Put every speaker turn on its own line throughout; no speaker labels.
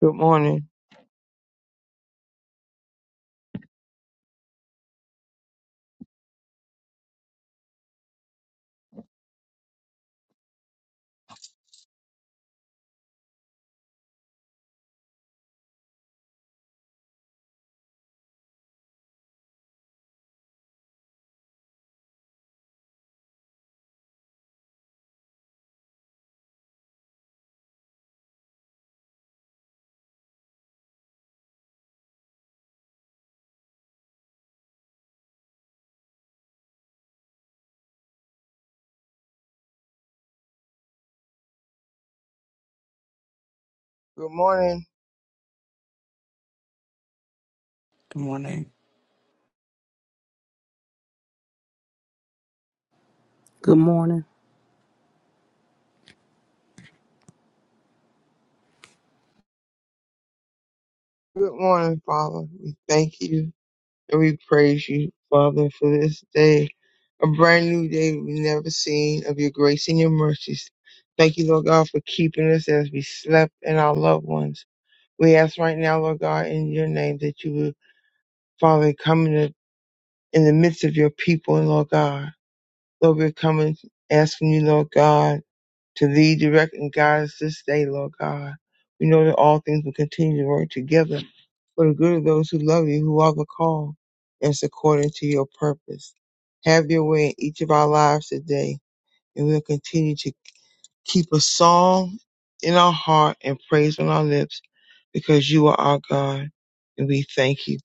Good morning. Good morning.
Good morning.
Good morning.
Good morning, Father. We thank you and we praise you, Father, for this day. A brand new day we've never seen of your grace and your mercies. Thank you, Lord God, for keeping us as we slept and our loved ones. We ask right now, Lord God, in your name that you would, Father, come in the, in the midst of your people, Lord God. Lord, we're coming, asking you, Lord God, to lead, direct, and guide us this day, Lord God. We know that all things will continue to work together for the good of those who love you, who are the call, that's according to your purpose. Have your way in each of our lives today, and we'll continue to keep a song in our heart and praise on our lips because you are our God, and we thank you.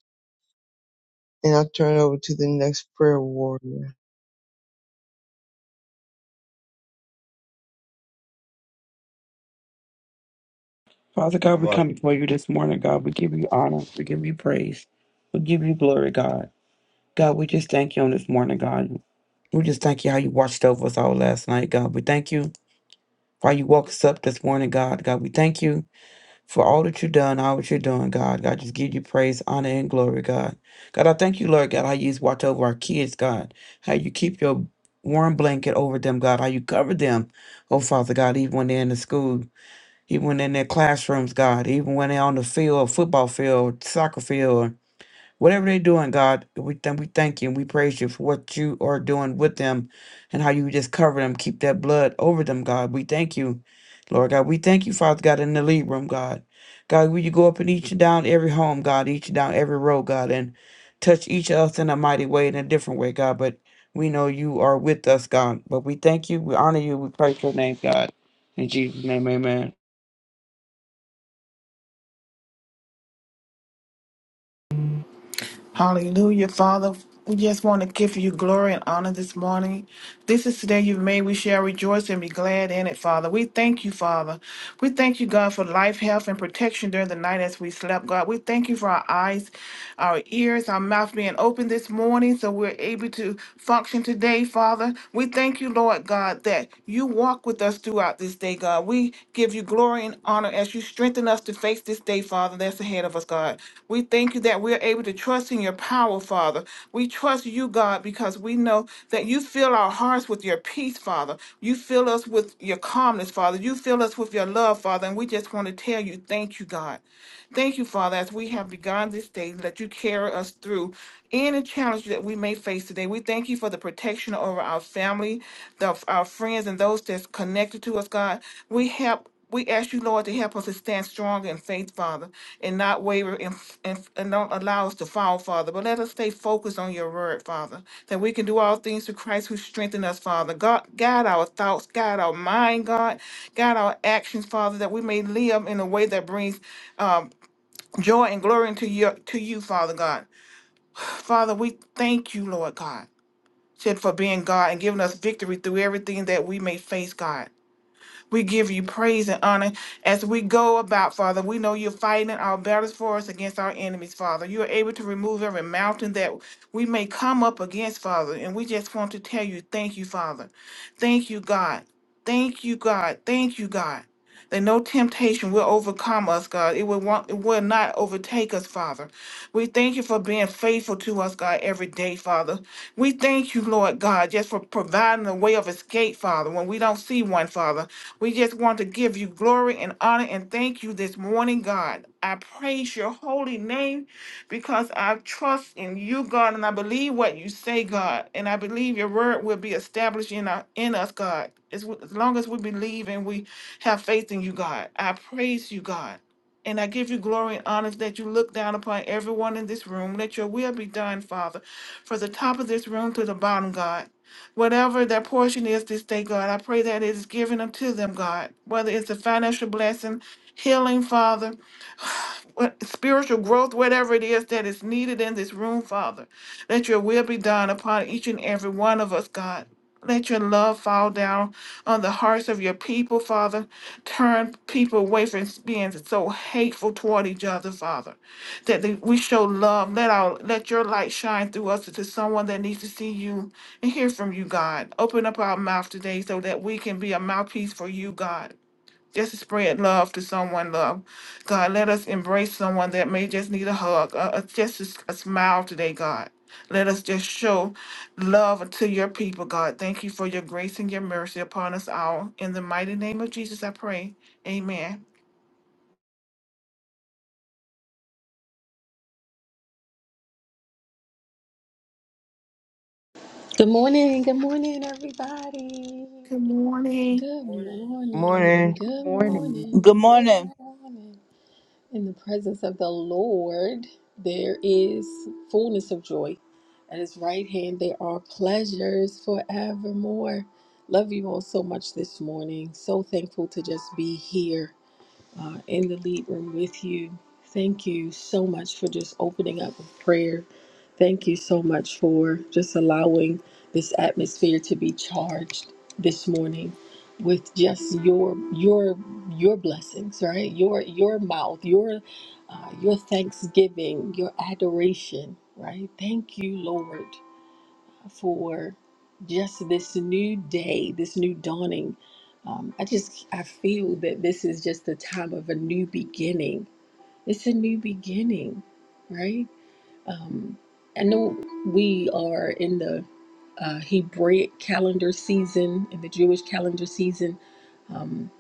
And I'll turn it over to the next prayer warrior.
Father God, we
Father,
come before you this morning, God. We give you honor. We give you praise. We give you glory, God. God, we just thank you on this morning, God. We just thank you how you watched over us all last night, God. We thank you for how you woke us up this morning, God. God, we thank you for all that you've done, all that you're doing, God. God, just give you praise, honor, and glory, God. God, I thank you, Lord God, how you just watch over our kids, God. How you keep your warm blanket over them, God. How you cover them, oh Father God, even when they're in the school. even when in their classrooms, God, even when they're on the field, football field, soccer field, whatever they're doing, God, we thank we thank you and we praise you for what you are doing with them and how you just cover them, keep that blood over them, God. We thank you, Lord God. We thank you, Father God, in the lead room, God. God, will you go up and each and down every home, God, each and down every road, God, and touch each of us in a mighty way, in a different way, God. But we know you are with us, God. But we thank you, we honor you, we praise your name, God. In Jesus' name, amen.
Hallelujah, Father. We just want to give you glory and honor this morning. This is the day you've made. We shall rejoice and be glad in it, Father. We thank you, Father. We thank you, God, for life, health, and protection during the night as we slept, God. We thank you for our eyes, our ears, our mouth being open this morning so we're able to function today, Father. We thank you, Lord God. God, that you walk with us throughout this day, God. We give you glory and honor as you strengthen us to face this day, Father, that's ahead of us, God. We thank you that we're able to trust in your power, Father. We trust you, God, because we know that you fill our hearts with your peace, Father. You fill us with your calmness, Father. You fill us with your love, Father. And we just want to tell you, thank you, God. Thank you, Father, as we have begun this day, let you carry us through any challenge that we may face today. We thank you for the protection over our family, the, our friends, and those that's connected to us, God. We help. We ask you, Lord, to help us to stand strong in faith, Father, and not waver and, and, and don't allow us to fall, Father. But let us stay focused on your word, Father, that we can do all things through Christ who strengthened us, Father. God, guide our thoughts, guide our mind, God, guide our actions, Father, that we may live in a way that brings um, joy and glory unto you, to you, Father God. Father, we thank you, Lord God, said for being God and giving us victory through everything that we may face, God. We give you praise and honor as we go about, Father. We know you're fighting our battles for us against our enemies, Father. You are able to remove every mountain that we may come up against, Father. And we just want to tell you, thank you, Father. Thank you, God. Thank you, God. Thank you, God. That no temptation will overcome us, God. It will want, it will not overtake us, Father. We thank you for being faithful to us, God, every day, Father. We thank you, Lord God, just for providing a way of escape, Father, when we don't see one, Father. We just want to give you glory and honor and thank you this morning, God. I praise your holy name because I trust in you, God, and I believe what you say, God. And I believe your word will be established in, our, in us, God. As, w- as long as we believe and we have faith in you, God. I praise you, God. And I give you glory and honor that you look down upon everyone in this room. Let your will be done, Father, from the top of this room to the bottom, God. Whatever their portion is this day, God, I pray that it is given unto them, God, whether it's a financial blessing, healing, Father what- spiritual growth, whatever it is that is needed in this room, Father. Let your will be done upon each and every one of us, God. Let your love fall down on the hearts of your people, Father. Turn people away from being so hateful toward each other, Father. That they- we show love. Let our let your light shine through us to someone that needs to see you and hear from you, God. Open up our mouth today so that we can be a mouthpiece for you, God just to spread love to someone love god let us embrace someone that may just need a hug uh, uh, just a, s- a smile today god let us just show love to your people god thank you for your grace and your mercy upon us all in the mighty name of jesus i pray amen
Good morning, good morning, everybody.
good morning
Good morning,
Morning.
good
Morning.
Um,
morning,
Good
good
morning,
morning. In the presence of the Lord, there is fullness of joy. At his right hand, there are pleasures forevermore. Love you all so much this morning. So thankful to just be here uh, in the lead room with you. Thank you so much for just opening up with prayer. Thank you so much for just allowing this atmosphere to be charged this morning with just your your your blessings, right? Your your mouth, your uh, your thanksgiving, your adoration, right? Thank you, Lord for just this new day, this new dawning. Um, I just I feel that this is just the time of a new beginning. It's a new beginning, right? Um, I know we are in the uh, Hebraic calendar season, in the Jewish calendar season. Um,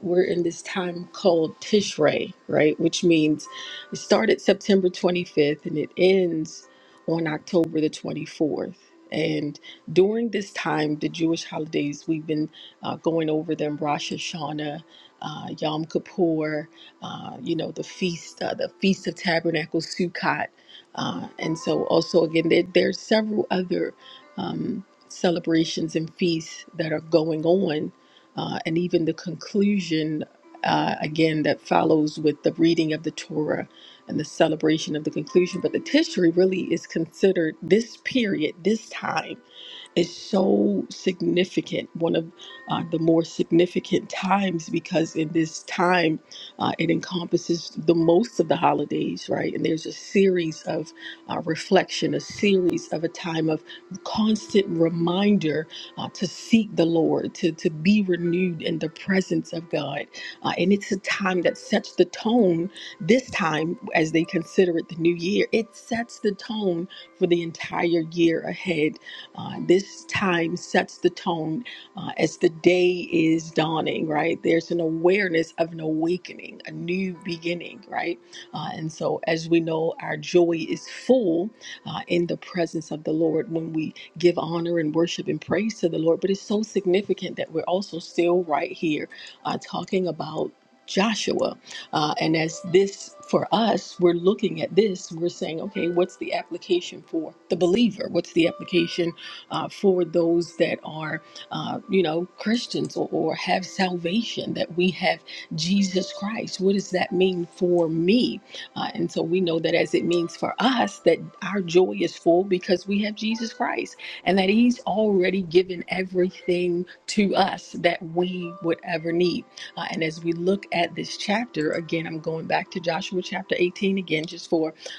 we're in this time called Tishrei, right? Which means it started September 25th and it ends on October the 24th. And during this time, the Jewish holidays, we've been uh, going over them Rosh Hashanah, uh, Yom Kippur, uh, you know, the feast, uh, the Feast of Tabernacles, Sukkot. Uh, and so, also, again, there, there are several other um, celebrations and feasts that are going on, uh, and even the conclusion, uh, again, that follows with the reading of the Torah and the celebration of the conclusion. But the Tishri really is considered this period, this time is so significant, one of uh, the more significant times, because in this time uh, it encompasses the most of the holidays, right? And there's a series of uh, reflection, a series of a time of constant reminder uh, to seek the Lord, to, to be renewed in the presence of God. Uh, and it's a time that sets the tone this time, as they consider it the new year, it sets the tone for the entire year ahead uh, this time sets the tone uh, as the day is dawning, right? There's an awareness of an awakening, a new beginning, right? Uh, and so, as we know, our joy is full uh, in the presence of the Lord when we give honor and worship and praise to the Lord. But it's so significant that we're also still right here uh, talking about. Joshua. Uh, and as this for us, we're looking at this, we're saying, okay, what's the application for the believer? What's the application uh, for those that are, uh, you know, Christians or, or have salvation, that we have Jesus Christ. What does that mean for me? Uh, and so we know that as it means for us, that our joy is full because we have Jesus Christ and that He's already given everything to us that we would ever need. Uh, and as we look at this chapter, again, I'm going back to Joshua chapter 18 again, just for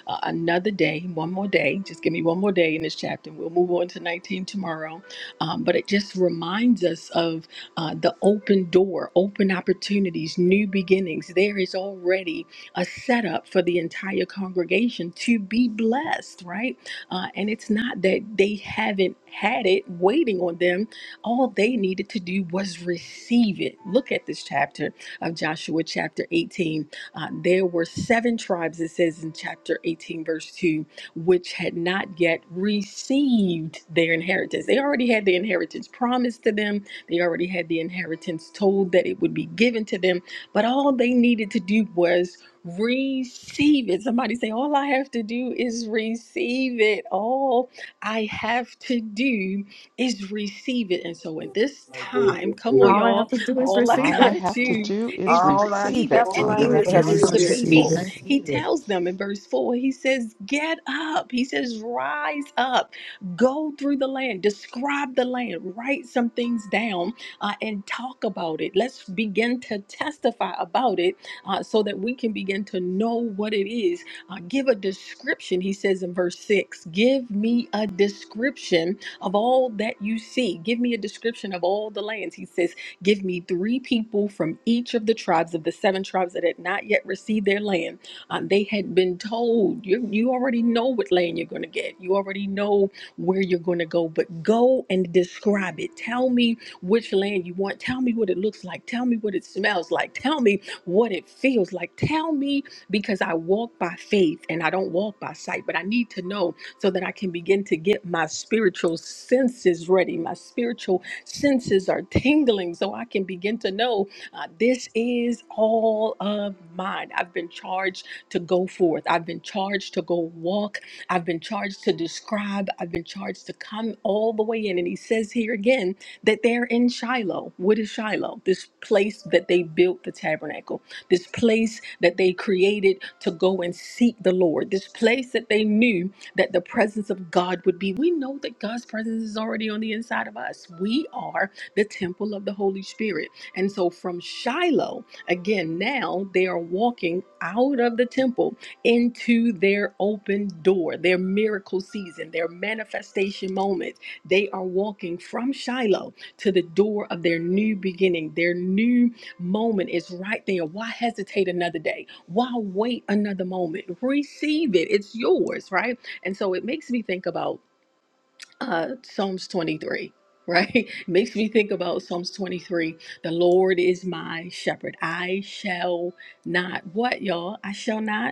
uh, another day, one more day. Just give me one more day in this chapter. We'll move on to 19 tomorrow. Um, but it just reminds us of uh, the open door, open opportunities, new beginnings. There is already a setup for the entire congregation to be blessed, right? Uh, and it's not that they haven't had it waiting on them. All they needed to do was receive it. Look at this chapter of Joshua, chapter 18 uh, there were seven tribes, it says in chapter 18, verse 2, which had not yet received their inheritance. They already had the inheritance promised to them, they already had the inheritance told that it would be given to them, but all they needed to do was receive it. Somebody say, All I have to do is receive it. All I have to do is receive it. And so at this time, come on,
all i have
y'all,
to do is
all I
receive
All I
gotta
it
have to
do
do is
is
all i
receive
receive it.
have
it.
to
all
And
All I
I
he
do
gotta
All
have
we
is
to
have
do
to do
tells
do
is
the
receive
is
is
just
it
be
receive
people,
it.
thank you
he
receive it.
tells them in verse 4, he says, Get up. He says, Rise up. Go through the land. Describe the land. Write some things down uh, and talk about it. Let's begin to testify about it uh, so that we can begin to know what it is. Uh, give a description, he says in verse 6. Give me a description of all that you see. Give me a description of all the lands. He says, Give me three people from each of the tribes of the seven tribes that had not yet received their land. Um, they had been told, you, you already know what land you're going to get. You already know where you're going to go, but go and describe it. Tell me which land you want. Tell me what it looks like. Tell me what it smells like. Tell me what it feels like. Tell me because I walk by faith and I don't walk by sight, but I need to know so that I can begin to get my spiritual senses ready, my spiritual senses are tingling so I can begin to know uh, this is all of mine. I've been charged to go forth, I've been charged to go walk, I've been charged to describe, I've been charged to come all the way in. And he says here again that they're in Shiloh. What is Shiloh? This place that they built the tabernacle, this place that they created to go and seek the Lord, this place that they knew that the presence of God would be. We know that God's presence is already on the inside of us. We are the temple of the Holy Spirit. And so from Shiloh, again, now they are walking out of the temple into their open door, their miracle season, their manifestation moment. They are walking from Shiloh to the door of their new beginning. Their new moment is right there. Why hesitate another day? Why wait another moment? Receive it. It's yours, right? And so it makes me think about uh, Psalms 23, right? It makes me think about Psalms 23. The Lord is my shepherd. I shall not, what y'all? I shall not.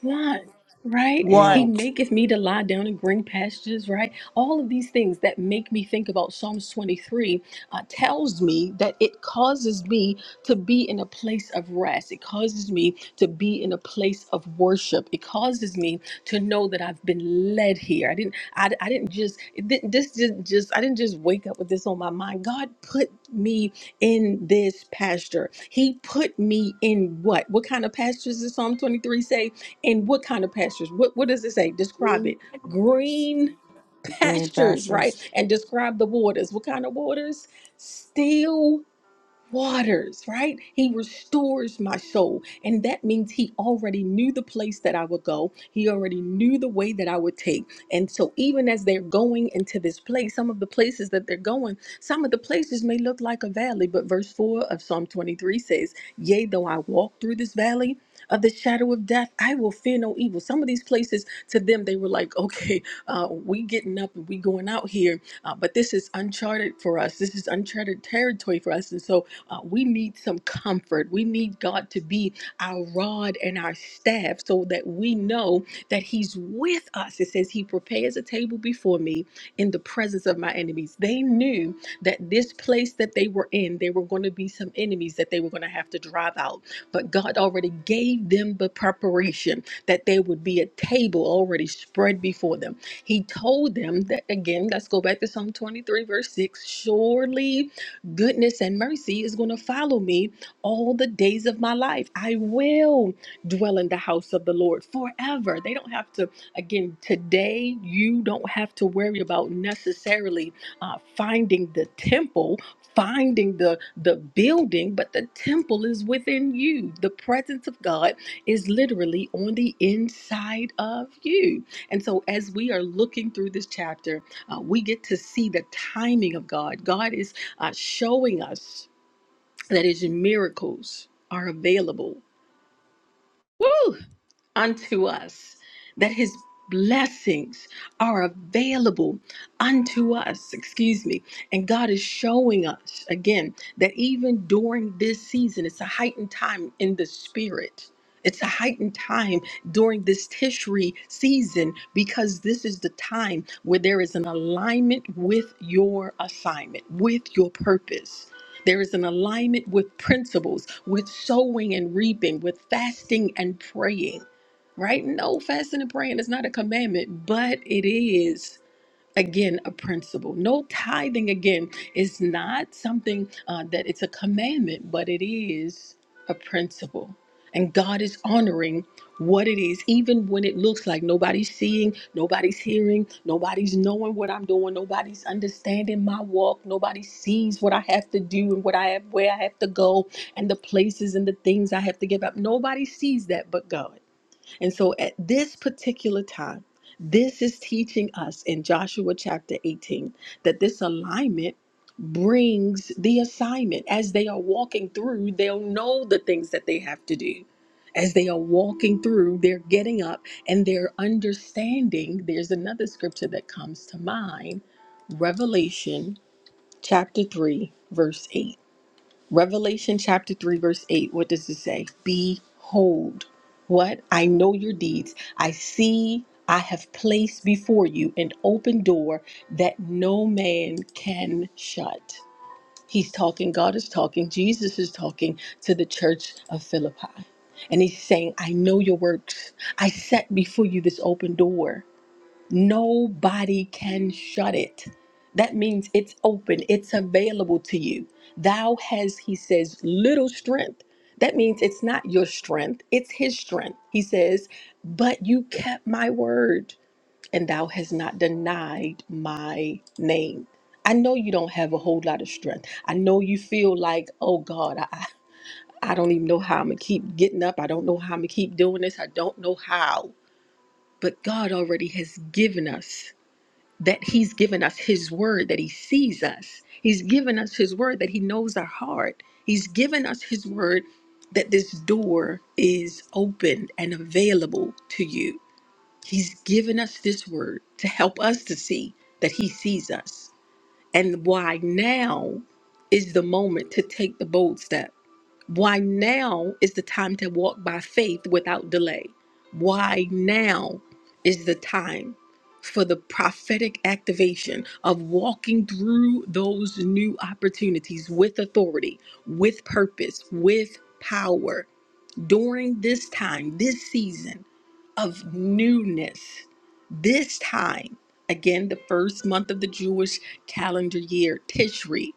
One, right?
one.
He
Want.
maketh me to lie down in green pastures, right? All of these things that make me think about Psalms 23 uh, tells me that it causes me to be in a place of rest. It causes me to be in a place of worship. It causes me to know that I've been led here. I didn't, I, I didn't just, it didn't, this didn't just, I didn't just wake up with this on my mind. God put me in this pasture. He put me in what? What kind of pastures does Psalm 23 say? And what kind of pastures? What what does it say? Describe it.
Please.
Green
Name
pastures, right?
pastors.
And describe the waters. What kind of waters? Still waters, right? He restores my soul. And that means he already knew the place that I would go. He already knew the way that I would take. And so even as they're going into this place, some of the places that they're going, some of the places may look like a valley, but verse 4 of Psalm 23 says, "Yea, though I walk through this valley, of the shadow of death, I will fear no evil. Some of these places to them, they were like, okay, uh, we getting up and we going out here, uh, but this is uncharted for us. This is uncharted territory for us. And so uh, we need some comfort. We need God to be our rod and our staff so that we know that He's with us. It says, He prepares a table before me in the presence of my enemies. They knew that this place that they were in, there were going to be some enemies that they were going to have to drive out. But God already gave them the preparation that there would be a table already spread before them. He told them that, again, let's go back to Psalm 23, verse 6 surely. Goodness and mercy is going to follow me all the days of my life. I will dwell in the house of the Lord forever. They don't have to, again, today, you don't have to worry about necessarily uh, finding the temple. Finding the the building, but the temple is within you. The presence of God is literally on the inside of you. And so, as we are looking through this chapter, uh, we get to see the timing of God. God is uh, showing us that his miracles are available. Woo! unto us, that his blessings are available unto us, excuse me. And God is showing us again that even during this season, it's a heightened time in the spirit. It's a heightened time during this Tishri season because this is the time where there is an alignment with your assignment, with your purpose. There is an alignment with principles, with sowing and reaping, with fasting and praying right? No fasting and praying is not a commandment, but it is. Again, a principle. No tithing, again, is not something uh, that it's a commandment, but it is a principle. And God is honoring what it is, even when it looks like nobody's seeing, nobody's hearing, nobody's knowing what I'm doing, nobody's understanding my walk, nobody sees what I have to do and what I have, where I have to go, and the places and the things I have to give up. Nobody sees that but God. And so at this particular time, this is teaching us in Joshua chapter 18 that this alignment brings the assignment. As they are walking through, they'll know the things that they have to do. As they are walking through, they're getting up and they're understanding. There's another scripture that comes to mind Revelation chapter 3, verse 8 Revelation chapter 3, verse 8, what does it say? Behold, what? I know your deeds. I see, I have placed before you an open door that no man can shut. He's talking, God is talking, Jesus is talking to the church of Philippi. And he's saying, I know your works. I set before you this open door. Nobody can shut it. That means it's open, it's available to you. Thou has, he says, little strength. That means it's not your strength, it's his strength. He says, But you kept my word, and thou hast not denied my name. I know you don't have a whole lot of strength. I know you feel like, oh God, I, I I don't even know how I'm going to keep getting up. I don't know how I'm going to keep doing this. I don't know how. But God already has given us that he's given us his word that he sees us he's given us his word that he knows our heart he's given us his word that this door is open and available to you he's given us this word to help us to see that he sees us and why now is the moment to take the bold step why now is the time to walk by faith without delay? Why now is the time for the prophetic activation of walking through those new opportunities with authority, with purpose, with power during this time, this season of newness? This time, again, the first month of the Jewish calendar year, Tishri.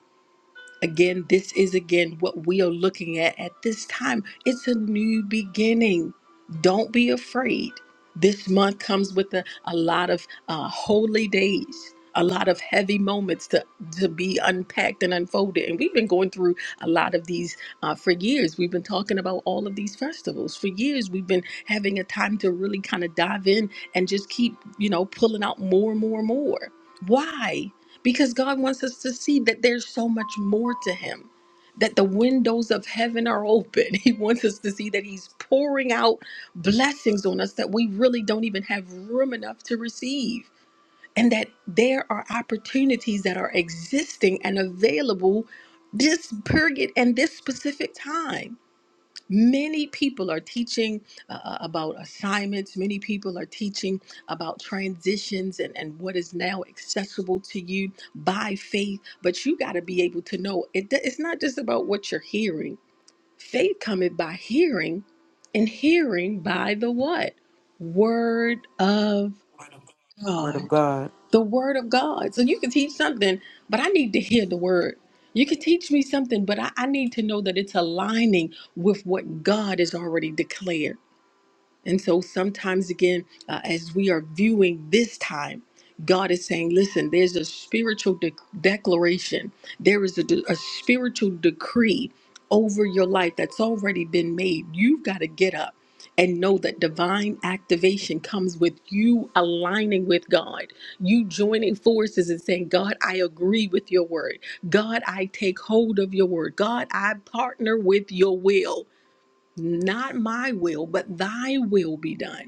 Again, this is again what we are looking at at this time. It's a new beginning. Don't be afraid. This month comes with a, a lot of uh, holy days, a lot of heavy moments to, to be unpacked and unfolded. And we've been going through a lot of these uh, for years. We've been talking about all of these festivals. For years, we've been having a time to really kind of dive in and just keep, you know, pulling out more and more and more. Why? because God wants us to see that there's so much more to Him, that the windows of heaven are open. He wants us to see that He's pouring out blessings on us that we really don't even have room enough to receive, and that there are opportunities that are existing and available this period and this specific time. Many people are teaching uh, uh, about assignments. Many people are teaching about transitions and, and what is now accessible to you by faith. But you got to be able to know it, it's not just about what you're hearing. Faith cometh by hearing, and hearing by the what? Word of
Word
God
of God.
the word of God. So you can teach something, but I need to hear the word. You can teach me something, but I, I need to know that it's aligning with what God has already declared. And so sometimes, again, uh, as we are viewing this time, God is saying, listen, there's a spiritual de- declaration, there is a, de- a spiritual decree over your life that's already been made. You've got to get up and know that divine activation comes with you aligning with God, you joining forces and saying, God, I agree with your word. God, I take hold of your word. God, I partner with your will. Not my will, but thy will be done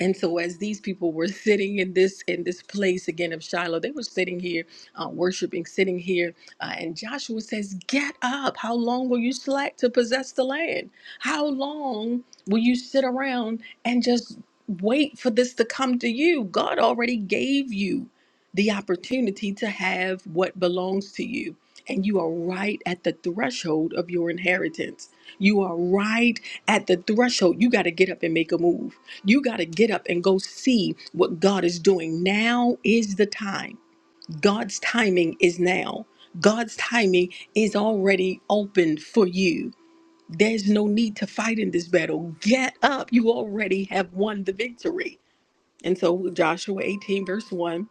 and so as these people were sitting in this in this place again of shiloh they were sitting here uh, worshiping sitting here uh, and joshua says get up how long will you slack to possess the land how long will you sit around and just wait for this to come to you god already gave you the opportunity to have what belongs to you and you are right at the threshold of your inheritance you are right at the threshold you got to get up and make a move you got to get up and go see what God is doing. Now is the time. God's timing is now. God's timing is already open for you. There's no need to fight in this battle. Get up. You already have won the victory. And so, Joshua 18, verse 1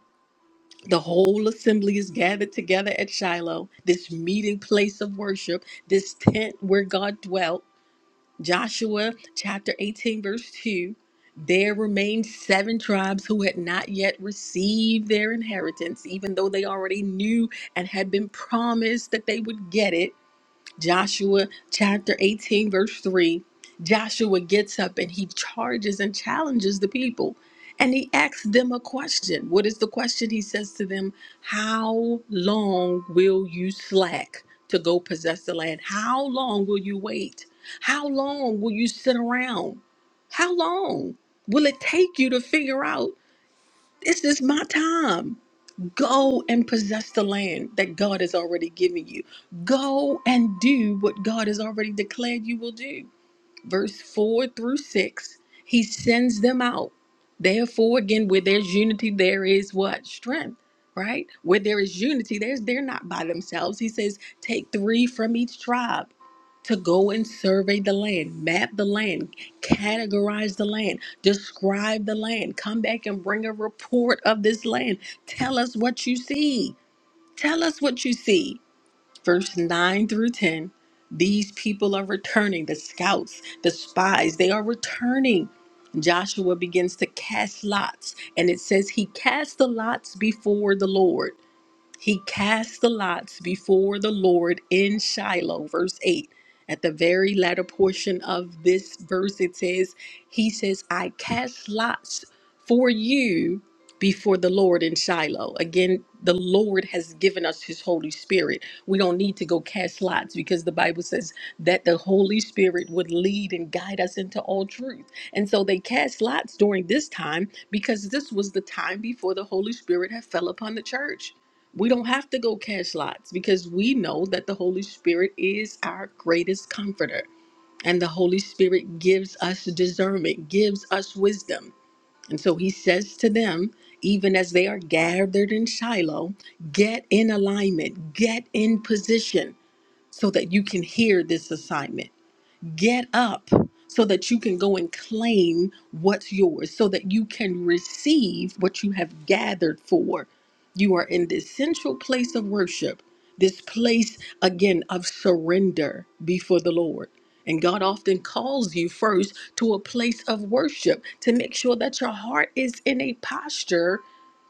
the whole assembly is gathered together at Shiloh, this meeting place of worship, this tent where God dwelt. Joshua chapter 18, verse 2 there remained seven tribes who had not yet received their inheritance, even though they already knew and had been promised that they would get it. Joshua chapter 18, verse 3, Joshua gets up and he charges and challenges the people. And he asks them a question. What is the question? He says to them, How long will you slack to go possess the land? How long will you wait? How long will you sit around? How long will it take you to figure out this is my time? Go and possess the land that God has already given you. Go and do what God has already declared you will do verse 4 through 6, he sends them out. Therefore, again, where there's unity, there is what? Strength, right? Where there is unity, there's they're not by themselves. He says, take three from each tribe to go and survey the land, map the land, categorize the land, describe the land, come back and bring a report of this land. Tell us what you see. Tell us what you see verse 9 through 10 these people are returning the scouts the spies they are returning joshua begins to cast lots and it says he cast the lots before the lord he cast the lots before the Lord in Shiloh, verse 8. At the very latter portion of this verse, it says, He says, I cast lots for you before the Lord in Shiloh. Again, the Lord has given us His Holy Spirit. We don't need to go cast lots because the Bible says that the Holy Spirit would lead and guide us into all truth. And so they cast lots during this time because this was the time before the Holy Spirit had fell upon the church. We don't have to go cast lots because we know that the Holy Spirit is our greatest comforter. And the Holy Spirit gives us discernment, gives us wisdom. And so he says to them, even as they are gathered in Shiloh, get in alignment, get in position so that you can hear this assignment. Get up so that you can go and claim what's yours, so that you can receive what you have gathered for. You are in this central place of worship, this place again of surrender before the Lord. And God often calls you first to a place of worship to make sure that your heart is in a posture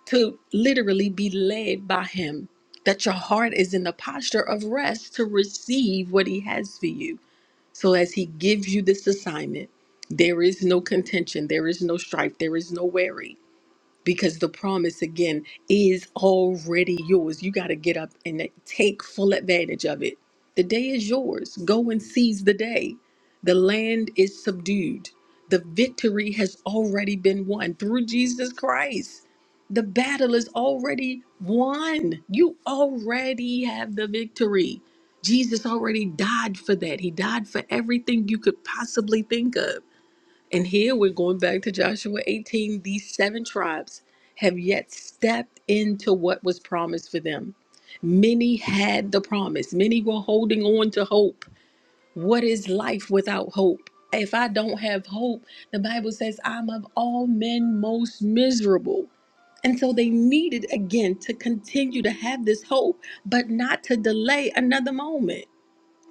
to literally be led by Him, that your heart is in the posture of rest to receive what He has for you. So as he gives you this assignment, there is no contention, there is no strife, there is no worry because the promise again is already yours. You got to get up and take full advantage of it. The day is yours. Go and seize the day. The land is subdued. The victory has already been won through Jesus Christ. The battle is already won. You already have the victory. Jesus already died for that. He died for everything you could possibly think of. And here we're going back to Joshua 18. These seven tribes have yet stepped into what was promised for them. Many had the promise, many were holding on to hope. What is life without hope? If I don't have hope, the Bible says I'm of all men most miserable. And so they needed again to continue to have this hope, but not to delay another moment.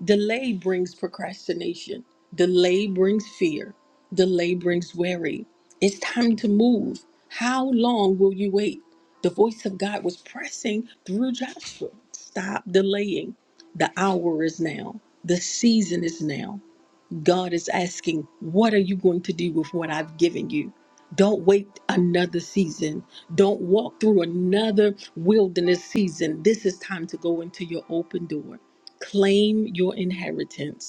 Delay brings procrastination. Delay brings fear. Delay brings worry. It's time to move. How long will you wait? The voice of God was pressing through Joshua. Stop delaying. The hour is now. The season is now. God is asking, What are you going to do with what I've given you? Don't wait another season. Don't walk through another wilderness season. This is time to go into your open door. Claim your inheritance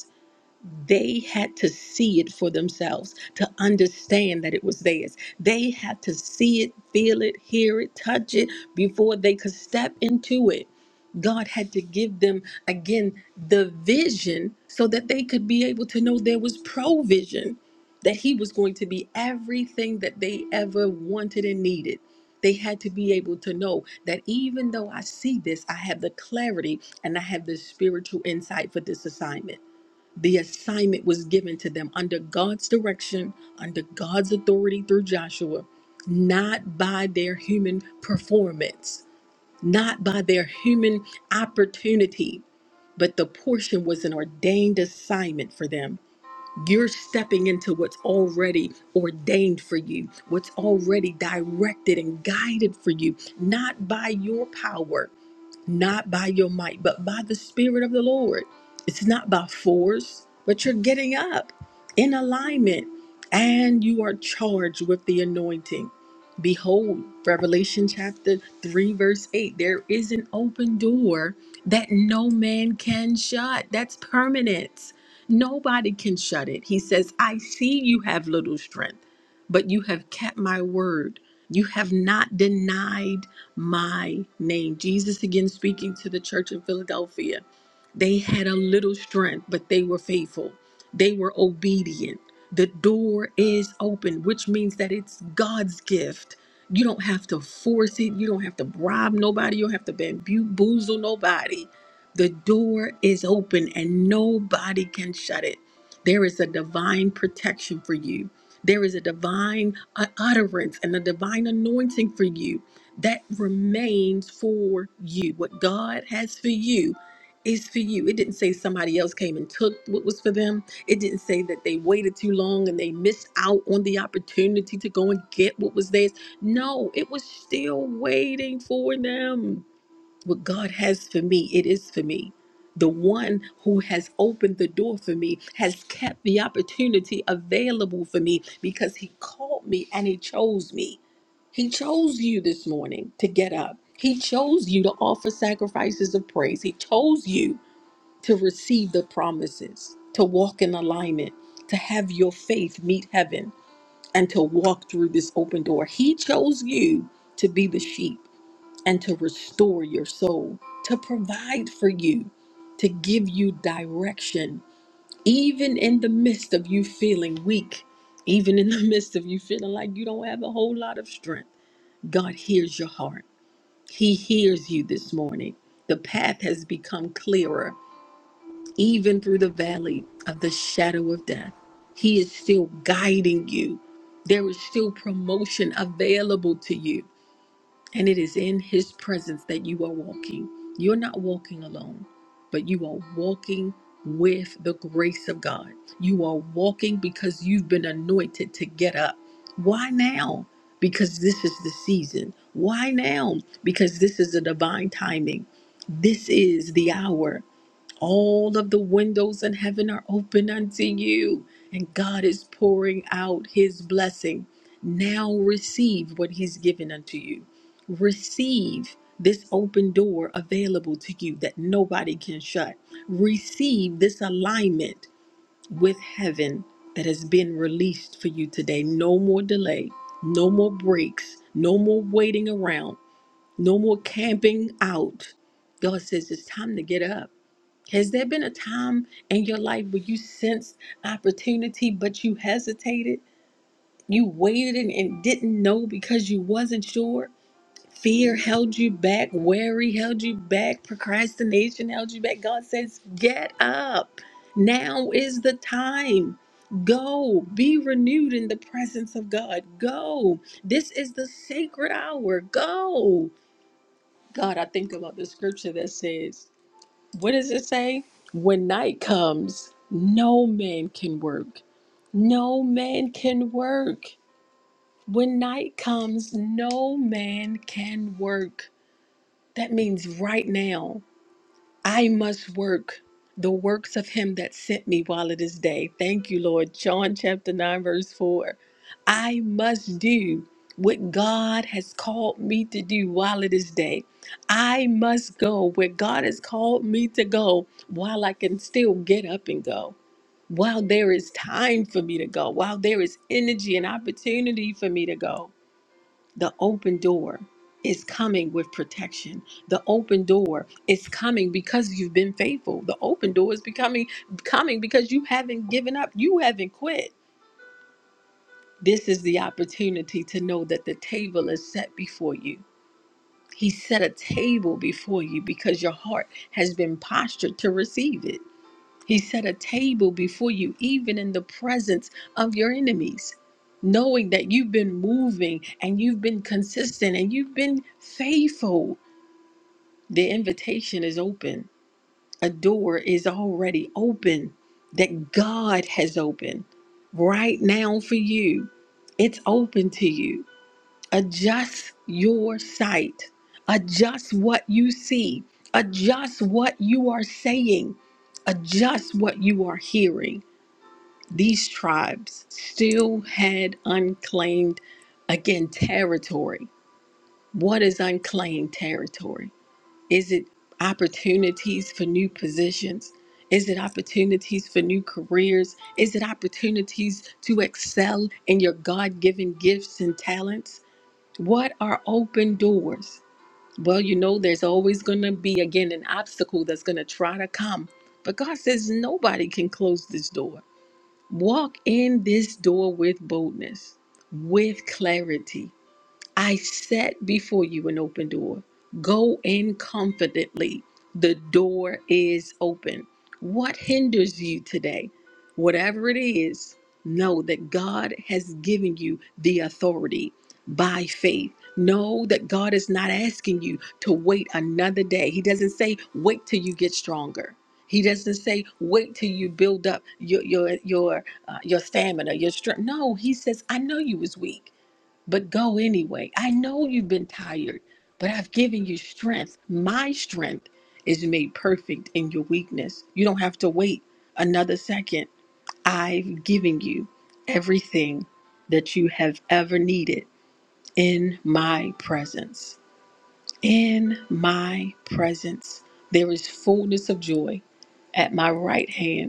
they had to see it for themselves to understand that it was theirs. They had to see it, feel it, hear it, touch it before they could step into it. God had to give them again the vision so that they could be able to know there was provision, that He was going to be everything that they ever wanted and needed. They had to be able to know that even though I see this, I have the clarity and I have the spiritual insight for this assignment. The assignment was given to them under God's direction, under God's authority through Joshua, not by their human performance, not by their human opportunity, but the portion was an ordained assignment for them. You're stepping into what's already ordained for you, what's already directed and guided for you, not by your power, not by your might, but by the Spirit of the Lord. It's not by force, but you're getting up in alignment and you are charged with the anointing. Behold, Revelation chapter 3, verse 8 there is an open door that no man can shut. That's permanent. Nobody can shut it. He says, I see you have little strength, but you have kept my word. You have not denied my name. Jesus again speaking to the church in Philadelphia. They had a little strength, but they were faithful. They were obedient. The door is open, which means that it's God's gift. You don't have to force it. You don't have to bribe nobody. You don't have to bamboozle nobody. The door is open and nobody can shut it. There is a divine protection for you. There is a divine uh, utterance and a divine anointing for you that remains for you. What God has for you is for you. It didn't say somebody else came and took what was for them. It didn't say that they waited too long and they missed out on the opportunity to go and get what was theirs. No, it was still waiting for them what God has for me, it is for me. The one who has opened the door for me has kept the opportunity available for me because he called me and he chose me. He chose you this morning to get up. He chose you to offer sacrifices of praise. He chose you to receive the promises, to walk in alignment, to have your faith meet heaven, and to walk through this open door. He chose you to be the sheep and to restore your soul, to provide for you, to give you direction, even in the midst of you feeling weak, even in the midst of you feeling like you don't have a whole lot of strength. God hears your heart, He hears you this morning. The path has become clearer, even through the valley of the shadow of death. He is still guiding you. There is still promotion available to you and it is in His presence that you are walking. You're not walking alone, but you are walking with the grace of God. You are walking because you've been anointed to get up. Why now? Because this is the season. Why now? Because this is the divine timing. This is the hour. All of the windows in heaven are open unto you, and God is pouring out his blessing. Now receive what he's given unto you. Receive this open door available to you that nobody can shut. Receive this alignment with heaven that has been released for you today. No more delay, no more breaks, no more waiting around, no more camping out. God says it's time to get up. Has there been a time in your life where you sensed opportunity but you hesitated? You waited and, and didn't know because you wasn't sure? Fear held you back, worry held you back, procrastination held you back. God says, Get up. Now is the time. Go be renewed in the presence of God. Go. This is the sacred hour. Go. God, I think about the scripture that says, what does it say? When night comes, no man can work. No man can work. When night comes, no man can work. That means right now. I must work the works of him that sent me while it is day. Thank you, Lord. John chapter 9, verse 4. I must do what God has called me to do while it is day. I must go where God has called me to go while I can still get up and go. While there is time for me to go, while there is energy and opportunity for me to go. The open door is coming with protection. The open door is coming because you've been faithful. The open door is becoming coming because you haven't given up. You haven't quit. This is the opportunity to know that the table is set before you. He set a table before you because your heart has been postured to receive it. He set a table before you, even in the presence of your enemies, knowing that you've been moving and you've been consistent and you've been faithful. The invitation is open, a door is already open that God has opened right now for you. It's open to you. Adjust your sight, adjust what you see, adjust what you are saying, adjust what you are hearing these tribes still had unclaimed, again, territory. What is unclaimed territory? Is it opportunities for new positions? Is it opportunities for new careers? Is it opportunities to excel in your God given gifts and talents? What are open doors? Well, you know, there's always going to be, again, an obstacle that's going to try to come. But God says nobody can close this door. Walk in this door with boldness, with clarity, I set before you an open door. Go in confidently. The door is open. What hinders you today? Whatever it is, know that God has given you the authority by faith. Know that God is not asking you to wait another day. He doesn't say, wait till you get stronger. He doesn't say, wait till you build up your your your uh, your stamina, your strength. No, he says, I know you was weak but go anyway. I know you've been tired, but I've given you strength. My strength is made perfect in your weakness. You don't have to wait another second. I've given you everything that you have ever needed in my presence. In my presence, there is fullness of joy at my right hand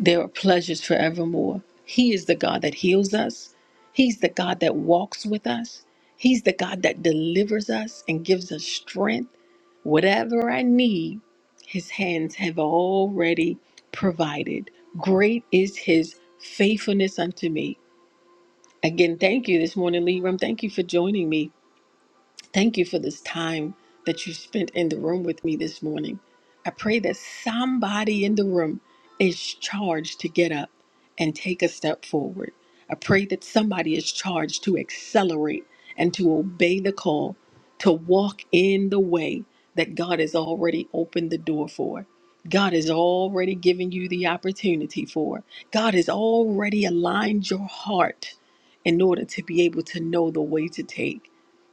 there are pleasures forevermore. He is the God that heals us. He's the God that walks with us. He's the God that delivers us and gives us strength. Whatever I need, His hands have already provided. Great is His faithfulness unto me. Again, thank you this morning, Leram. Thank you for joining me Thank you for this time that you spent in the room with me this morning. I pray that somebody in the room is charged to get up and take a step forward. I pray that somebody is charged to accelerate and to obey the call, to walk in the way that God has already opened the door for. God has already given you the opportunity for. God has already aligned your heart in order to be able to know the way to take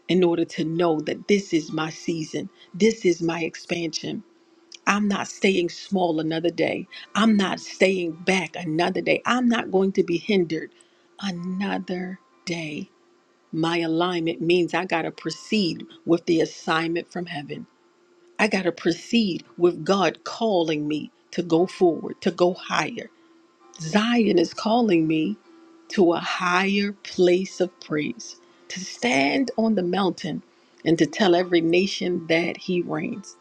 in order to know that this is my season, this is my expansion. I'm not staying small another day. I'm not staying back another day. I'm not going to be hindered another day. My alignment means I got to proceed with the assignment from heaven. I got to proceed with God calling me to go forward, to go higher. Zion is calling me to a higher place of praise, to stand on the mountain and to tell every nation that he reigns.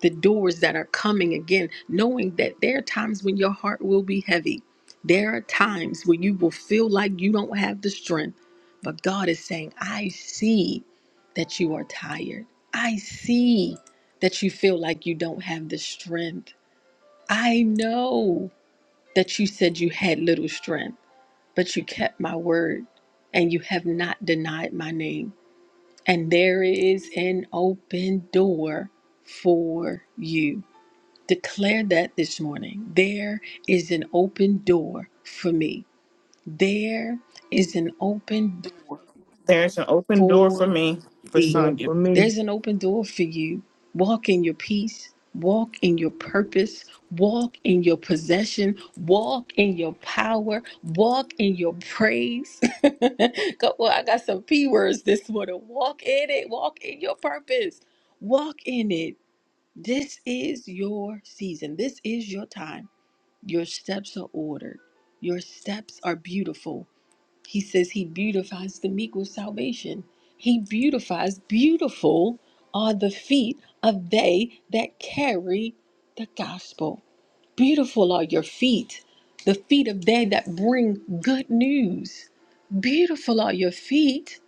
The doors that are coming again, knowing that there are times when your heart will be heavy. There are times when you will feel like you don't have the strength. But God is saying, I see that you are tired. I see that you feel like you don't have the strength. I know that you said you had little strength but you kept my word and you have not denied my name. And there is an open door for you. Declare that this morning. There is an open door for me. There is an open door
there's an open door for
for
me for
me.
sonya
For me,
There's an open door for you. Walk in your peace, walk in your purpose, walk in your possession, walk in your power, walk in your praise. Go- well, I got some P words this morning. Walk in it, walk in your purpose, walk in it. This is your season, this is your time. Your steps are ordered, your steps are beautiful. He says he beautifies the meek with salvation. He beautifies, beautiful are the feet of they that carry the gospel. Beautiful are your feet, the feet of they that bring good news. Beautiful are your feet.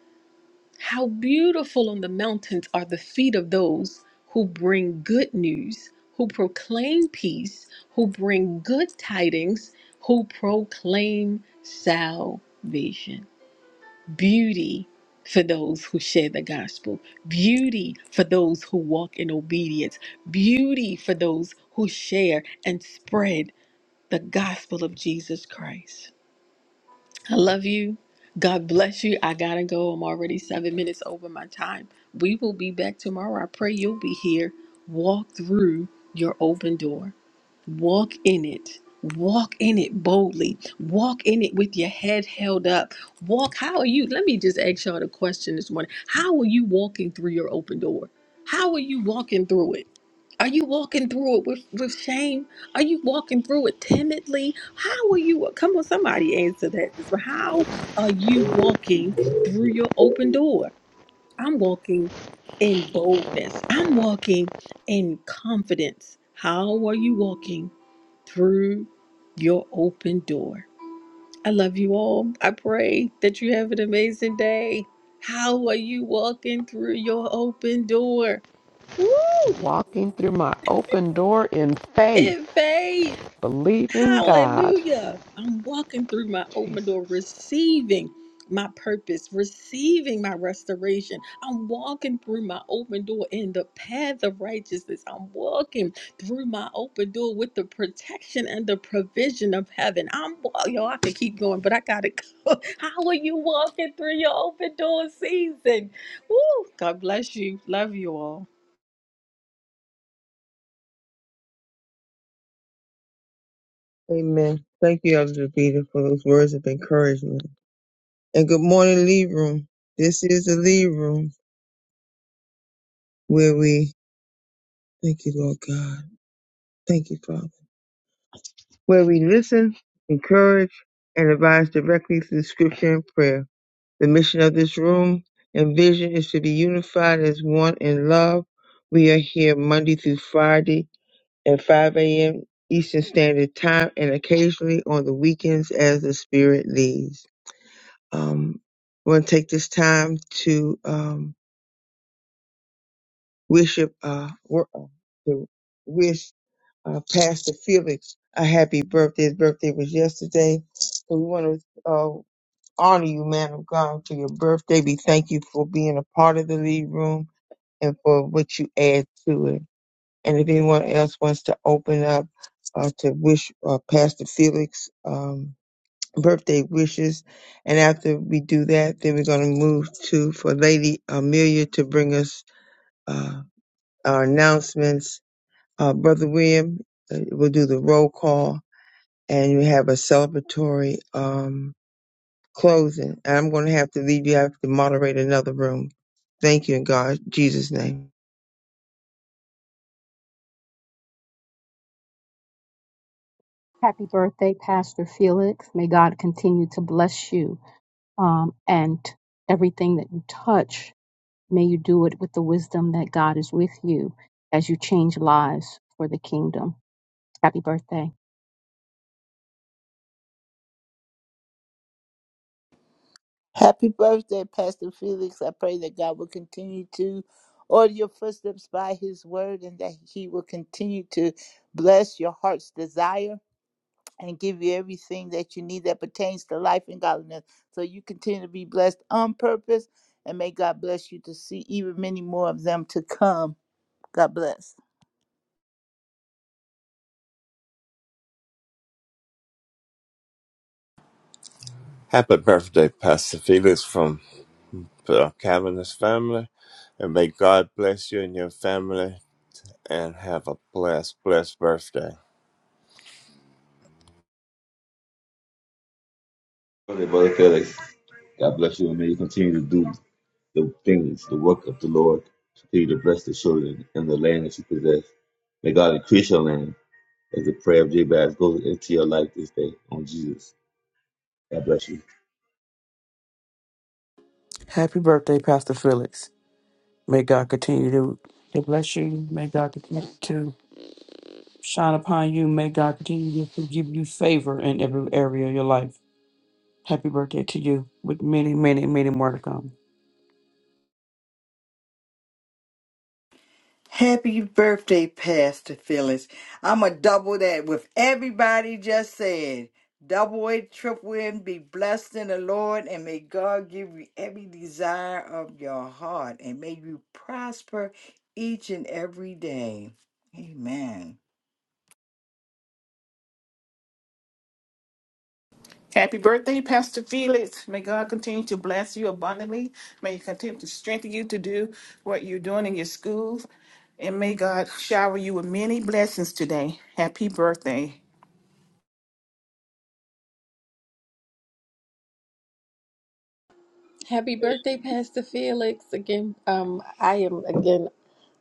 How beautiful on the mountains are the feet of those who bring good news, who proclaim peace, who bring good tidings, who proclaim salvation beauty for those who share the gospel, beauty for those who walk in obedience, beauty for those who share and spread the gospel of Jesus Christ. I love you. God bless you. I gotta go. I'm already seven minutes over my time. We will be back tomorrow. I pray you'll be here. Walk through your open door. Walk in it. Walk in it boldly. Walk in it with your head held up. Walk. How are you? Let me just ask y'all the question this morning. How are you walking through your open door? How are you walking through it? Are you walking through it with, with shame? Are you walking through it timidly? How are you? Come on, somebody answer that. How are you walking through your open door? I'm walking in boldness. I'm walking in confidence. How are you walking? through your open door. I love you all. I pray that you have an amazing day. How are you walking through your open door? Woo!
It's walking through my open door in
In
faith,
faith.
believing God.
Hallelujah. I'm walking through my open
Jesus.
door, receiving my purpose, receiving my restoration. I'm walking through my open door in the path of righteousness. I'm walking through my open door with the protection and the provision of heaven. I'm wa- yo, I could keep going, but I gotta go. How are you walking through your open door season? Woo! God bless you. Love you all.
amen. Thank you, Elder Peter, for those words of encouragement. And good morning, Lead Room. This is the Lead Room where we thank you, Lord God. Thank you, Father. Where we listen, encourage, and advise directly through scripture and prayer. The mission of this room and vision is to be unified as one in love. We are here Monday through Friday at 5 a.m. Eastern Standard Time and occasionally on the weekends as the Spirit leads. Um, I want to take this time to. um. worship, uh, wor- uh, to wish uh, Pastor Felix a happy birthday. His birthday was yesterday, so we want to uh, honor you, man of God, for your birthday. We thank you for being a part of the lead room and for what you add to it. And if anyone else wants to open up uh, to wish uh, Pastor Felix um, birthday wishes, and after we do that, then we're going to move to for Lady Amelia to bring us uh, our announcements uh, Brother William uh, will do the roll call and we have a celebratory um, closing. And I'm going to have to leave you. I have to moderate another room. Thank you in God, Jesus' name.
Happy birthday, Pax. May God continue to bless you um, and everything that you touch. May you do it with the wisdom that God is with you as you change lives for the kingdom. Happy birthday.
Happy birthday, Pastor Felix. I pray that God will continue to order your footsteps by his word and that he will continue to bless your heart's desire and give you everything that you need that pertains to life and godliness. So you continue to be blessed on purpose and may God bless you to see even many more of them to come. God bless.
Happy birthday, Pastor Felix, from the Calvinist family. And may God bless you and your family and have a blessed, blessed birthday.
Brother Felix, God bless you, and may you continue to do the things, the work of the Lord. Continue to bless the children and the land that you possess. May God increase your land as the prayer of Jabez goes into your life this day on Jesus. God bless you.
Happy birthday, Pastor Felix. May God continue to, to bless you. May God continue to shine upon you. May God continue to give you favor in every area of your life. Happy birthday to you with many, many, many more to come.
Happy birthday, Pastor Phyllis. I'm going to double that with everybody just said. Double it, triple it, be blessed in the Lord, and may God give you every desire of your heart, and may you prosper each and every day. Amen.
Happy birthday, Pastor Felix. May God continue to bless you abundantly. May He continue to strengthen you to do what you're doing in your school. And may God shower you with many blessings today. Happy birthday.
Happy birthday, Pastor Felix. Again, um, I am again.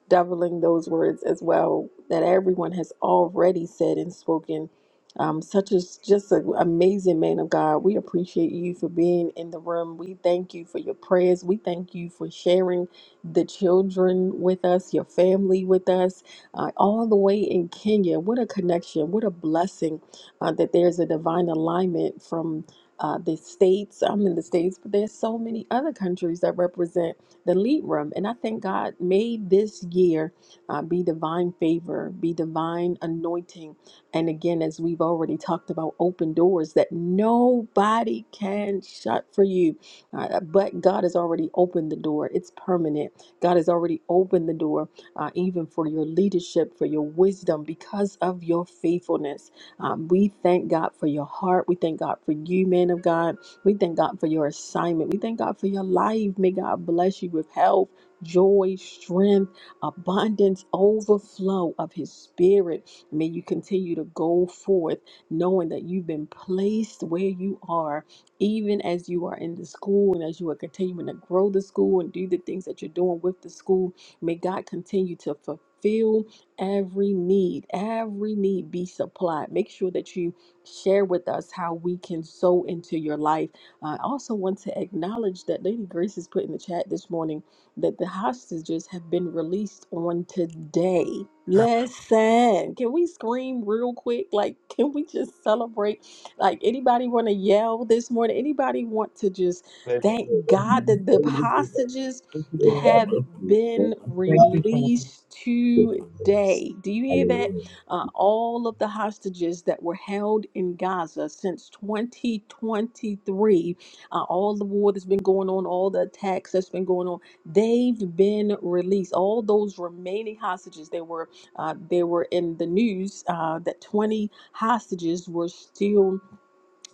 doubling those words as well that everyone has already said and spoken. Um, such as just an amazing man of God. We appreciate you for being in the room. We thank you for your prayers. We thank you for sharing the children with us, your family with us, uh, all the way in Kenya. What a connection. What a blessing uh, that there's a divine alignment from uh, the states. I'm in the states, but there's so many other countries that represent the lead room. And I think God made this year uh, be divine favor, be divine anointing. And again, as we've already talked about, open doors that nobody can shut for you. Uh, uh, but God has already opened the door, it's permanent. God has already opened the door, uh, even for your leadership, for your wisdom, because of your faithfulness. Um, we thank God for your heart. We thank God for you, man of God. We thank God for your assignment. We thank God for your life. May God bless you with health, joy, strength, abundance, overflow of His Spirit. May you continue to go forth knowing that you've been placed where you are, even as you are in the school and as you are continuing to grow the school and do the things that you're doing with the school. May God continue to fulfill every need, every need be supplied. Make sure that you share with us how we can sow into your life I also want to acknowledge that Lady Grace has put in the chat this morning that the hostages have been released on today. Listen, can we scream real quick? Like, can we just celebrate? Like, anybody want to yell this morning? Anybody want to just
Praise the
thank God that the
Lord.
hostages
Thank you,
God
Lord.
have
bless you. God
been
Thank
bless
you, Father.
released
you.
today? Do you hear that? uh, all of the hostages that were held in Gaza since 2023, uh, all the war that's been going on, all the attacks that's been going on, they've been released. All those remaining hostages, they were uh, they were in the news uh, that 20 hostages were still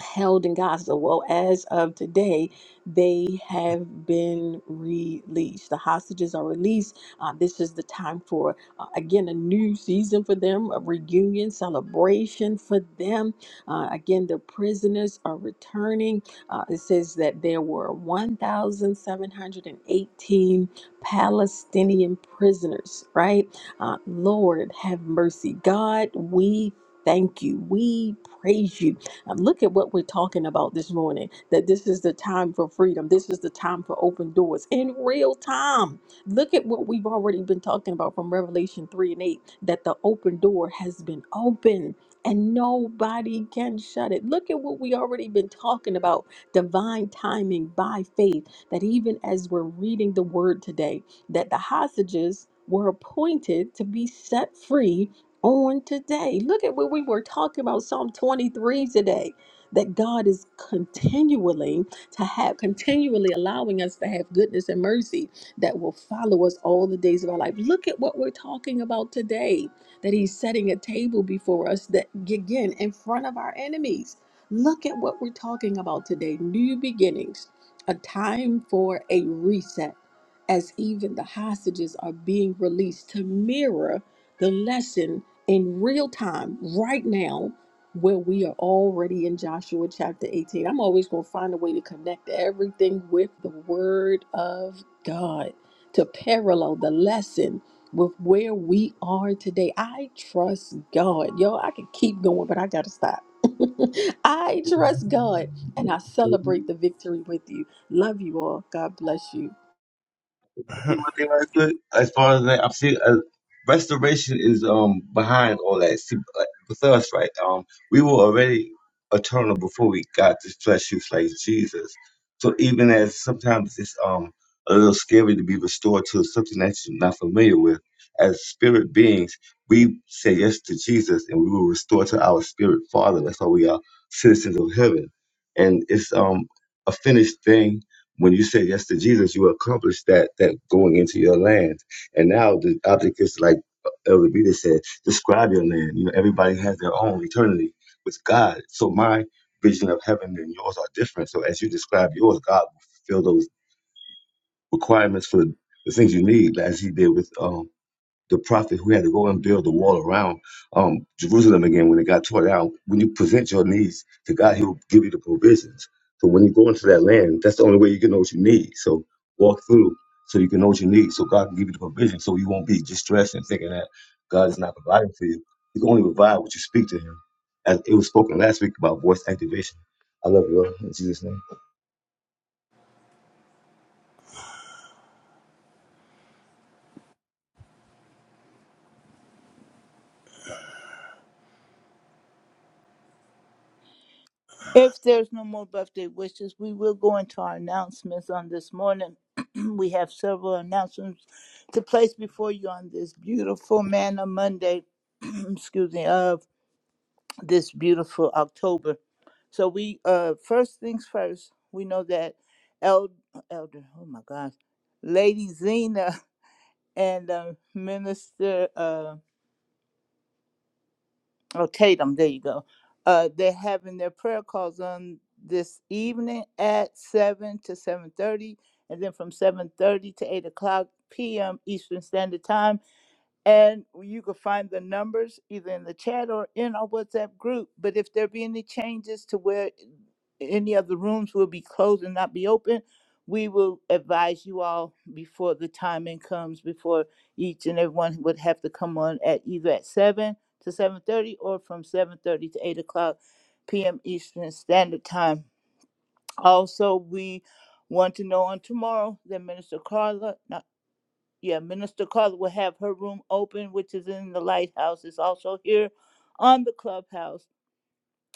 held in Gaza. Well, as of today, they have been released. The hostages are released. Uh, this is the time for, uh, again, a new season for them, a reunion, celebration for them. Uh, again, the prisoners are returning. Uh, it says that there were 1,718 Palestinian prisoners, right? Uh, Lord, have mercy. God, we thank you. We praise you um, look at what we're talking about this morning that this is the time for freedom. This is the time for open doors in real time. Look at what we've already been talking about from Revelation 3 and 8 that the open door has been open and nobody can shut it. Look at what we already been talking about divine timing by faith that even as we're reading the word today that the hostages were appointed to be set free on today. Look at what we were talking about Psalm 23 today that God is continually to have continually allowing us to have goodness and mercy that will follow us all the days of our life. Look at what we're talking about today that he's setting a table before us that again in front of our enemies. Look at what we're talking about today, new beginnings, a time for a reset as even the hostages are being released to mirror the lesson in real time right now where we are already in Joshua chapter 18. I'm always going to find a way to connect everything with the word of God to parallel the lesson with where we are today. I trust God. Yo, I could keep going, but I got to stop. I
Hallelujah.
trust God and I celebrate the victory with you. Love you all. God bless you.
one thing right quick, as far as that, I've seen uh, restoration is um behind all that. See, like, with us, right? Um, we were already eternal before we got to flesh you like Jesus. So even as sometimes it's um a little scary to be restored to something that you're not familiar with, as spirit beings, we say yes to Jesus and we will restore to our spirit Father. That's why we are citizens of heaven, and it's um a finished thing when you say yes to Jesus, you accomplish that that going into your land. And now the object is like uh, Elder Beta said, describe your land. You know, everybody has their own eternity with God. So my vision of heaven and yours are different. So as you describe yours, God will fulfill those requirements for the things you need, as He did with um the prophet who had to go and build the wall around um, Jerusalem again when it got torn down. When you present your needs to God, He will give you the provisions. So when you go into that land, that's the only way you can know what you need. So walk through so you can know what you need, so God can give you the provision, so you won't be distressed and thinking that God is not providing for you. He can only provide what you speak to Him. As it was spoken last week about voice activation. I love you all in Jesus' name.
If there's no more birthday wishes, we will go into our announcements on this morning. we have several announcements to place before you on this beautiful Manna Monday, excuse me, of this beautiful October. So we, uh, first things first, we know that Elder, Elder, oh my gosh, Lady Zena and uh, Minister uh, Oh, Tatum, there you go. Uh, they're having their prayer calls on this evening at seven to seven thirty, and then from seven thirty to eight o'clock p.m. Eastern Standard Time. And you can find the numbers either in the chat or in our WhatsApp group. But if there be any changes to where any of the rooms will be closed and not be open, we will advise you all before the timing comes, before each and everyone would have to come on at either at seven to seven thirty or from seven thirty to eight o'clock PM Eastern Standard Time. Also, we want to know on tomorrow that Minister Carla yeah, Minister Carla will have her room open, which is in the lighthouse. It's also here on the clubhouse.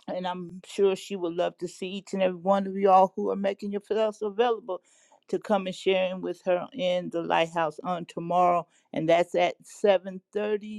And I'm sure she would love to see each and every one of you all who are making yourselves available to come and sharing with her in the lighthouse on tomorrow. And that's at 7:30.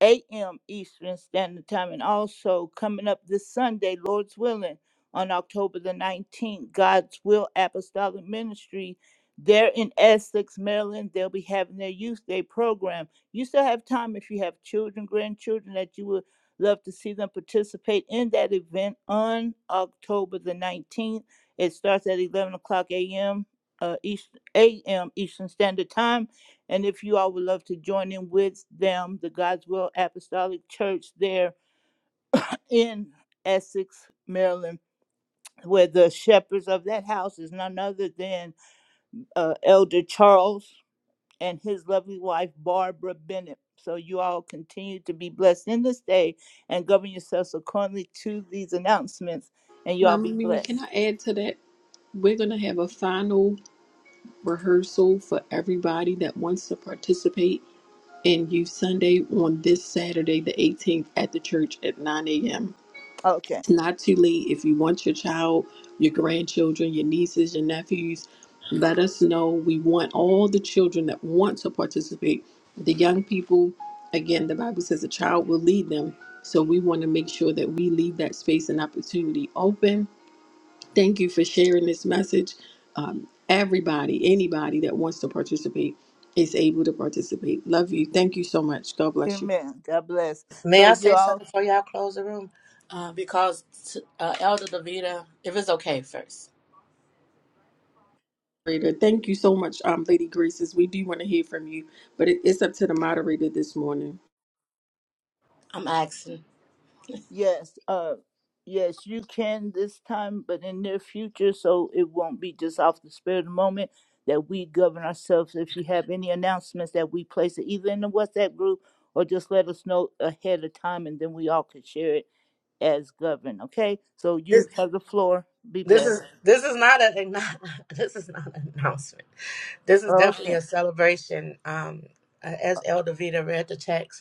8 a.m. Eastern Standard Time. And also coming up this Sunday, Lord's willing, on October the 19th, God's Will Apostolic Ministry. They're in Essex, Maryland. They'll be having their Youth Day program. You still have time if you have children, grandchildren that you would love to see them participate in that event on October the 19th. It starts at 11 o'clock a.m. Uh, East, a.m. Eastern Standard Time and if you all would love to join in with them, the God's Will Apostolic Church there in Essex, Maryland, where the shepherds of that house is none other than uh, Elder Charles and his lovely wife, Barbara Bennett. So you all continue to be blessed in this day and govern yourselves accordingly to these announcements, and you all
Mama
be
Mimi, can
blessed.
I add to that? We're going to have a final rehearsal for everybody that wants to participate in Youth Sunday on this Saturday, the 18th, at the church at 9 a.m.
Okay.
It's not too late. If you want your child, your grandchildren, your nieces, your nephews, let us know. We want all the children that want to participate. The young people, again, the Bible says a child will lead them. So we want to make sure that we leave that space and opportunity open Thank you for sharing this message. Um, everybody, anybody that wants to participate is able to participate. Love you. Thank you so much. God bless you.
Amen. God bless.
May
So
I
you
say
all
something before y'all close the room? Uh, because t- uh, Elder Davita, if it's okay, first
Moderator, Thank you so much, um, Lady Graces. We do want to hear from you, but it, it's up to the moderator this morning.
I'm asking.
Yes, uh, yes, you can this time, but in near future, so it won't be just off the spur of the moment that we govern ourselves. If you have any announcements that we place it either in the WhatsApp group or just let us know ahead of time, and then we all can share it as governed. Okay, so you
This,
have the floor. Be
this is
blessed.
this is not a this is not an announcement. This is definitely
Okay.
a celebration. Um, uh, as Elder Davita read the text,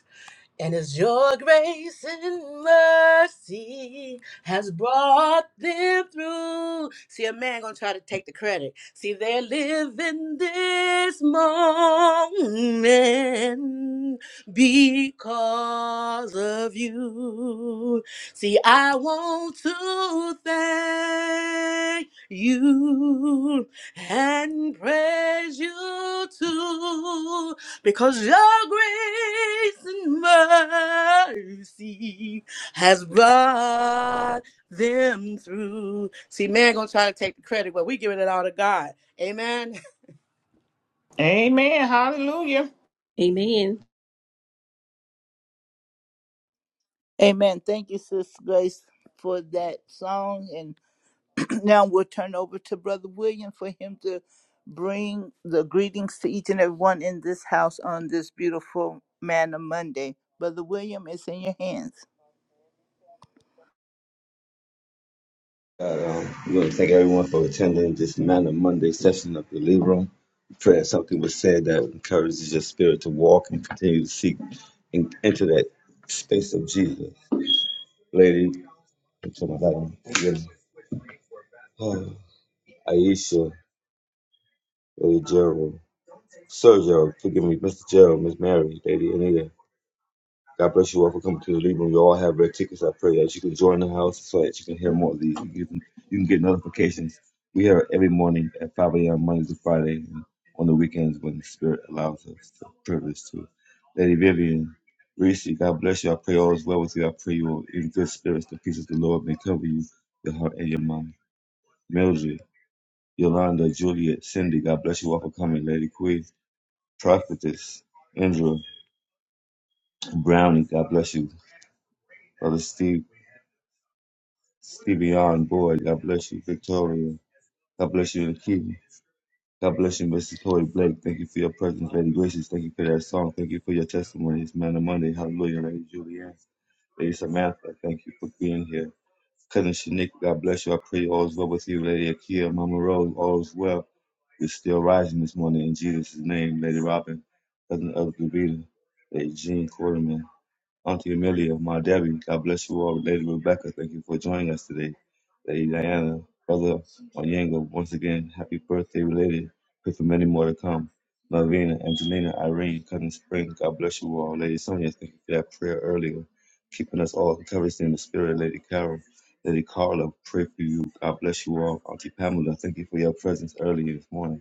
And as your grace and mercy has brought them through. See, a man gonna try to take the credit. See, they're living this moment because of you. See, I want to thank you and praise you too because your grace and mercy has brought them through. See, man gonna try to take the credit, but we giving it all to God. Amen.
Amen. Hallelujah.
Amen.
Amen. Thank you, Sister Grace, for that song, and. now we'll turn over to Brother William for him to bring the greetings to each and everyone in this house on this beautiful Manna Monday. Brother William, it's in your hands.
um, we want to thank everyone for attending this Manna Monday session of the Lee Room. We Pray that something was said that encourages your spirit to walk and continue to seek and enter that space of Jesus. Lady, I'm talking about you. Oh, Aisha, Lady Gerald, Sir Gerald, forgive me, Mr. Gerald, Miss Mary, Lady Anita. God bless you all for coming to the Libra. We all have red tickets. I pray that you can join the house so that you can hear more of these. You can, you can get notifications. We here every morning at 5 a.m. Monday to Friday and on the weekends when the Spirit allows us the privilege to. Lady Vivian, Reese, God bless you. I pray all is well with you. I pray you are in good spirits. The peace of the Lord may cover you, your heart and your mind. Mildred, Yolanda, Juliet, Cindy, God bless you all for coming. Lady Queen, Prophetess, Andrew, Brownie, God bless you. Brother Steve, Stevie on board. God bless you, Victoria. God bless you, Nikki. God bless you, Mrs. Tory Blake. Thank you for your presence, Lady Gracious. Thank you for that song. Thank you for your testimonies, Man of Monday. Hallelujah, Lady Julianne. Lady Samantha, thank you for being here. Cousin Shanique, God bless you. I pray all is well with you, Lady Akia, Mama Rose, all is well. We're still rising this morning in Jesus' name, Lady Robin, Cousin of Davida, Lady Jean Quarterman. Auntie Amelia, my Debbie. God bless you all. Lady Rebecca, thank you for joining us today. Lady Diana, Brother Onyango, once again, happy birthday related. Pray for many more to come. Melvina, Angelina, Irene, Cousin Spring, God bless you all. Lady Sonia, thank you for that prayer earlier. Keeping us all encouraged in the spirit. Lady Carol, Lady Carla, pray for you. God bless you all. Auntie Pamela, thank you for your presence earlier this morning.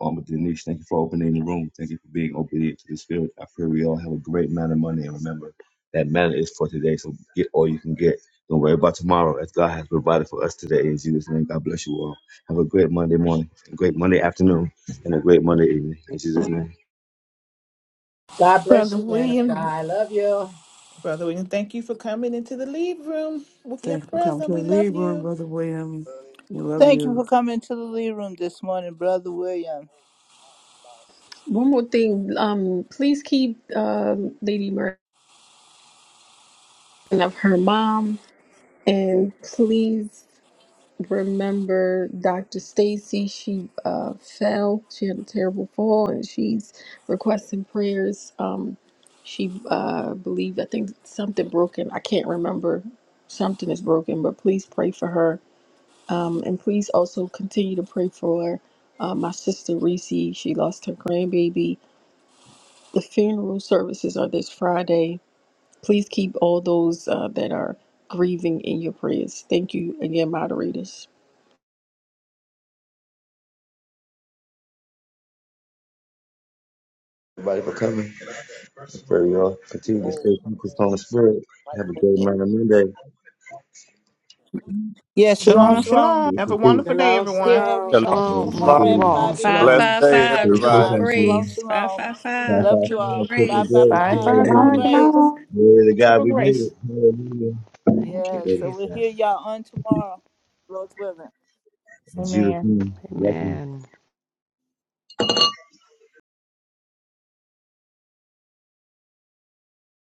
Mama Denise, thank you for opening the room. Thank you for being obedient to the Spirit. I pray we all have a great amount of money. And remember, that manna is for today. So get all you can get. Don't worry about tomorrow, as God has provided for us today. In Jesus' name, God bless you all. Have a great Monday morning, a great Monday afternoon, and a great Monday evening. In Jesus' name.
God bless
Brother
you, man of God.
William,
I love you.
Brother William, thank you for coming into the lead room with your
Thank you for coming to
present.
the
We love
lead room,
you.
Brother William. We love
Thank you
you.
for coming to the Lee Room this morning, Brother William.
One more thing, um, please keep um Lady Murray of her mom, and please. remember Dr. Stacy. She uh, fell. She had a terrible fall, and she's requesting prayers. Um, she uh, believed, I think, something broken. I can't remember. Something is broken, but please pray for her. Um, and please also continue to pray for uh, my sister Reese. She lost her grandbaby. The funeral services are this Friday. Please keep all those uh, that are grieving in your prayers. Thank you again, moderators.
Everybody for coming. I pray we all continue to stay focused on the Spirit. Have a great amount of Monday.
Yeah, shalom,
Shalom,
Amen.
shalom.
shalom.
Peace
Have a
and peace.
wonderful day,
Shalom,
Here,
everyone.
shalom.
Shalom.
everybody,
Shalom.
Grace and
Love
tomorrow
you
at
peace.
Shalom,
all.
5
Five
a.m.
shalom.
Blessed
five
Eastern
day,
five
Stay
Standard
safe
triple
everybody.
Time.
out there.
Shalom,
grace. Five
shalom.
five
Five,
five
Love
five,
you
triple
five.
all.
Take the
grace.
grace.
Bye,
555,
bye,
triple
Shalom,
bye.
Hallelujah.
shalom.
Triple,
grace.
Glory to God,
triple
we made it.
grace.
Hallelujah.
Thank you,
Yeah,
Glory to
so we'll
God.
Jesus.
hear y'all on tomorrow. Lord's willing.
In Jesus'
Amen.
name, blessings.
Amen.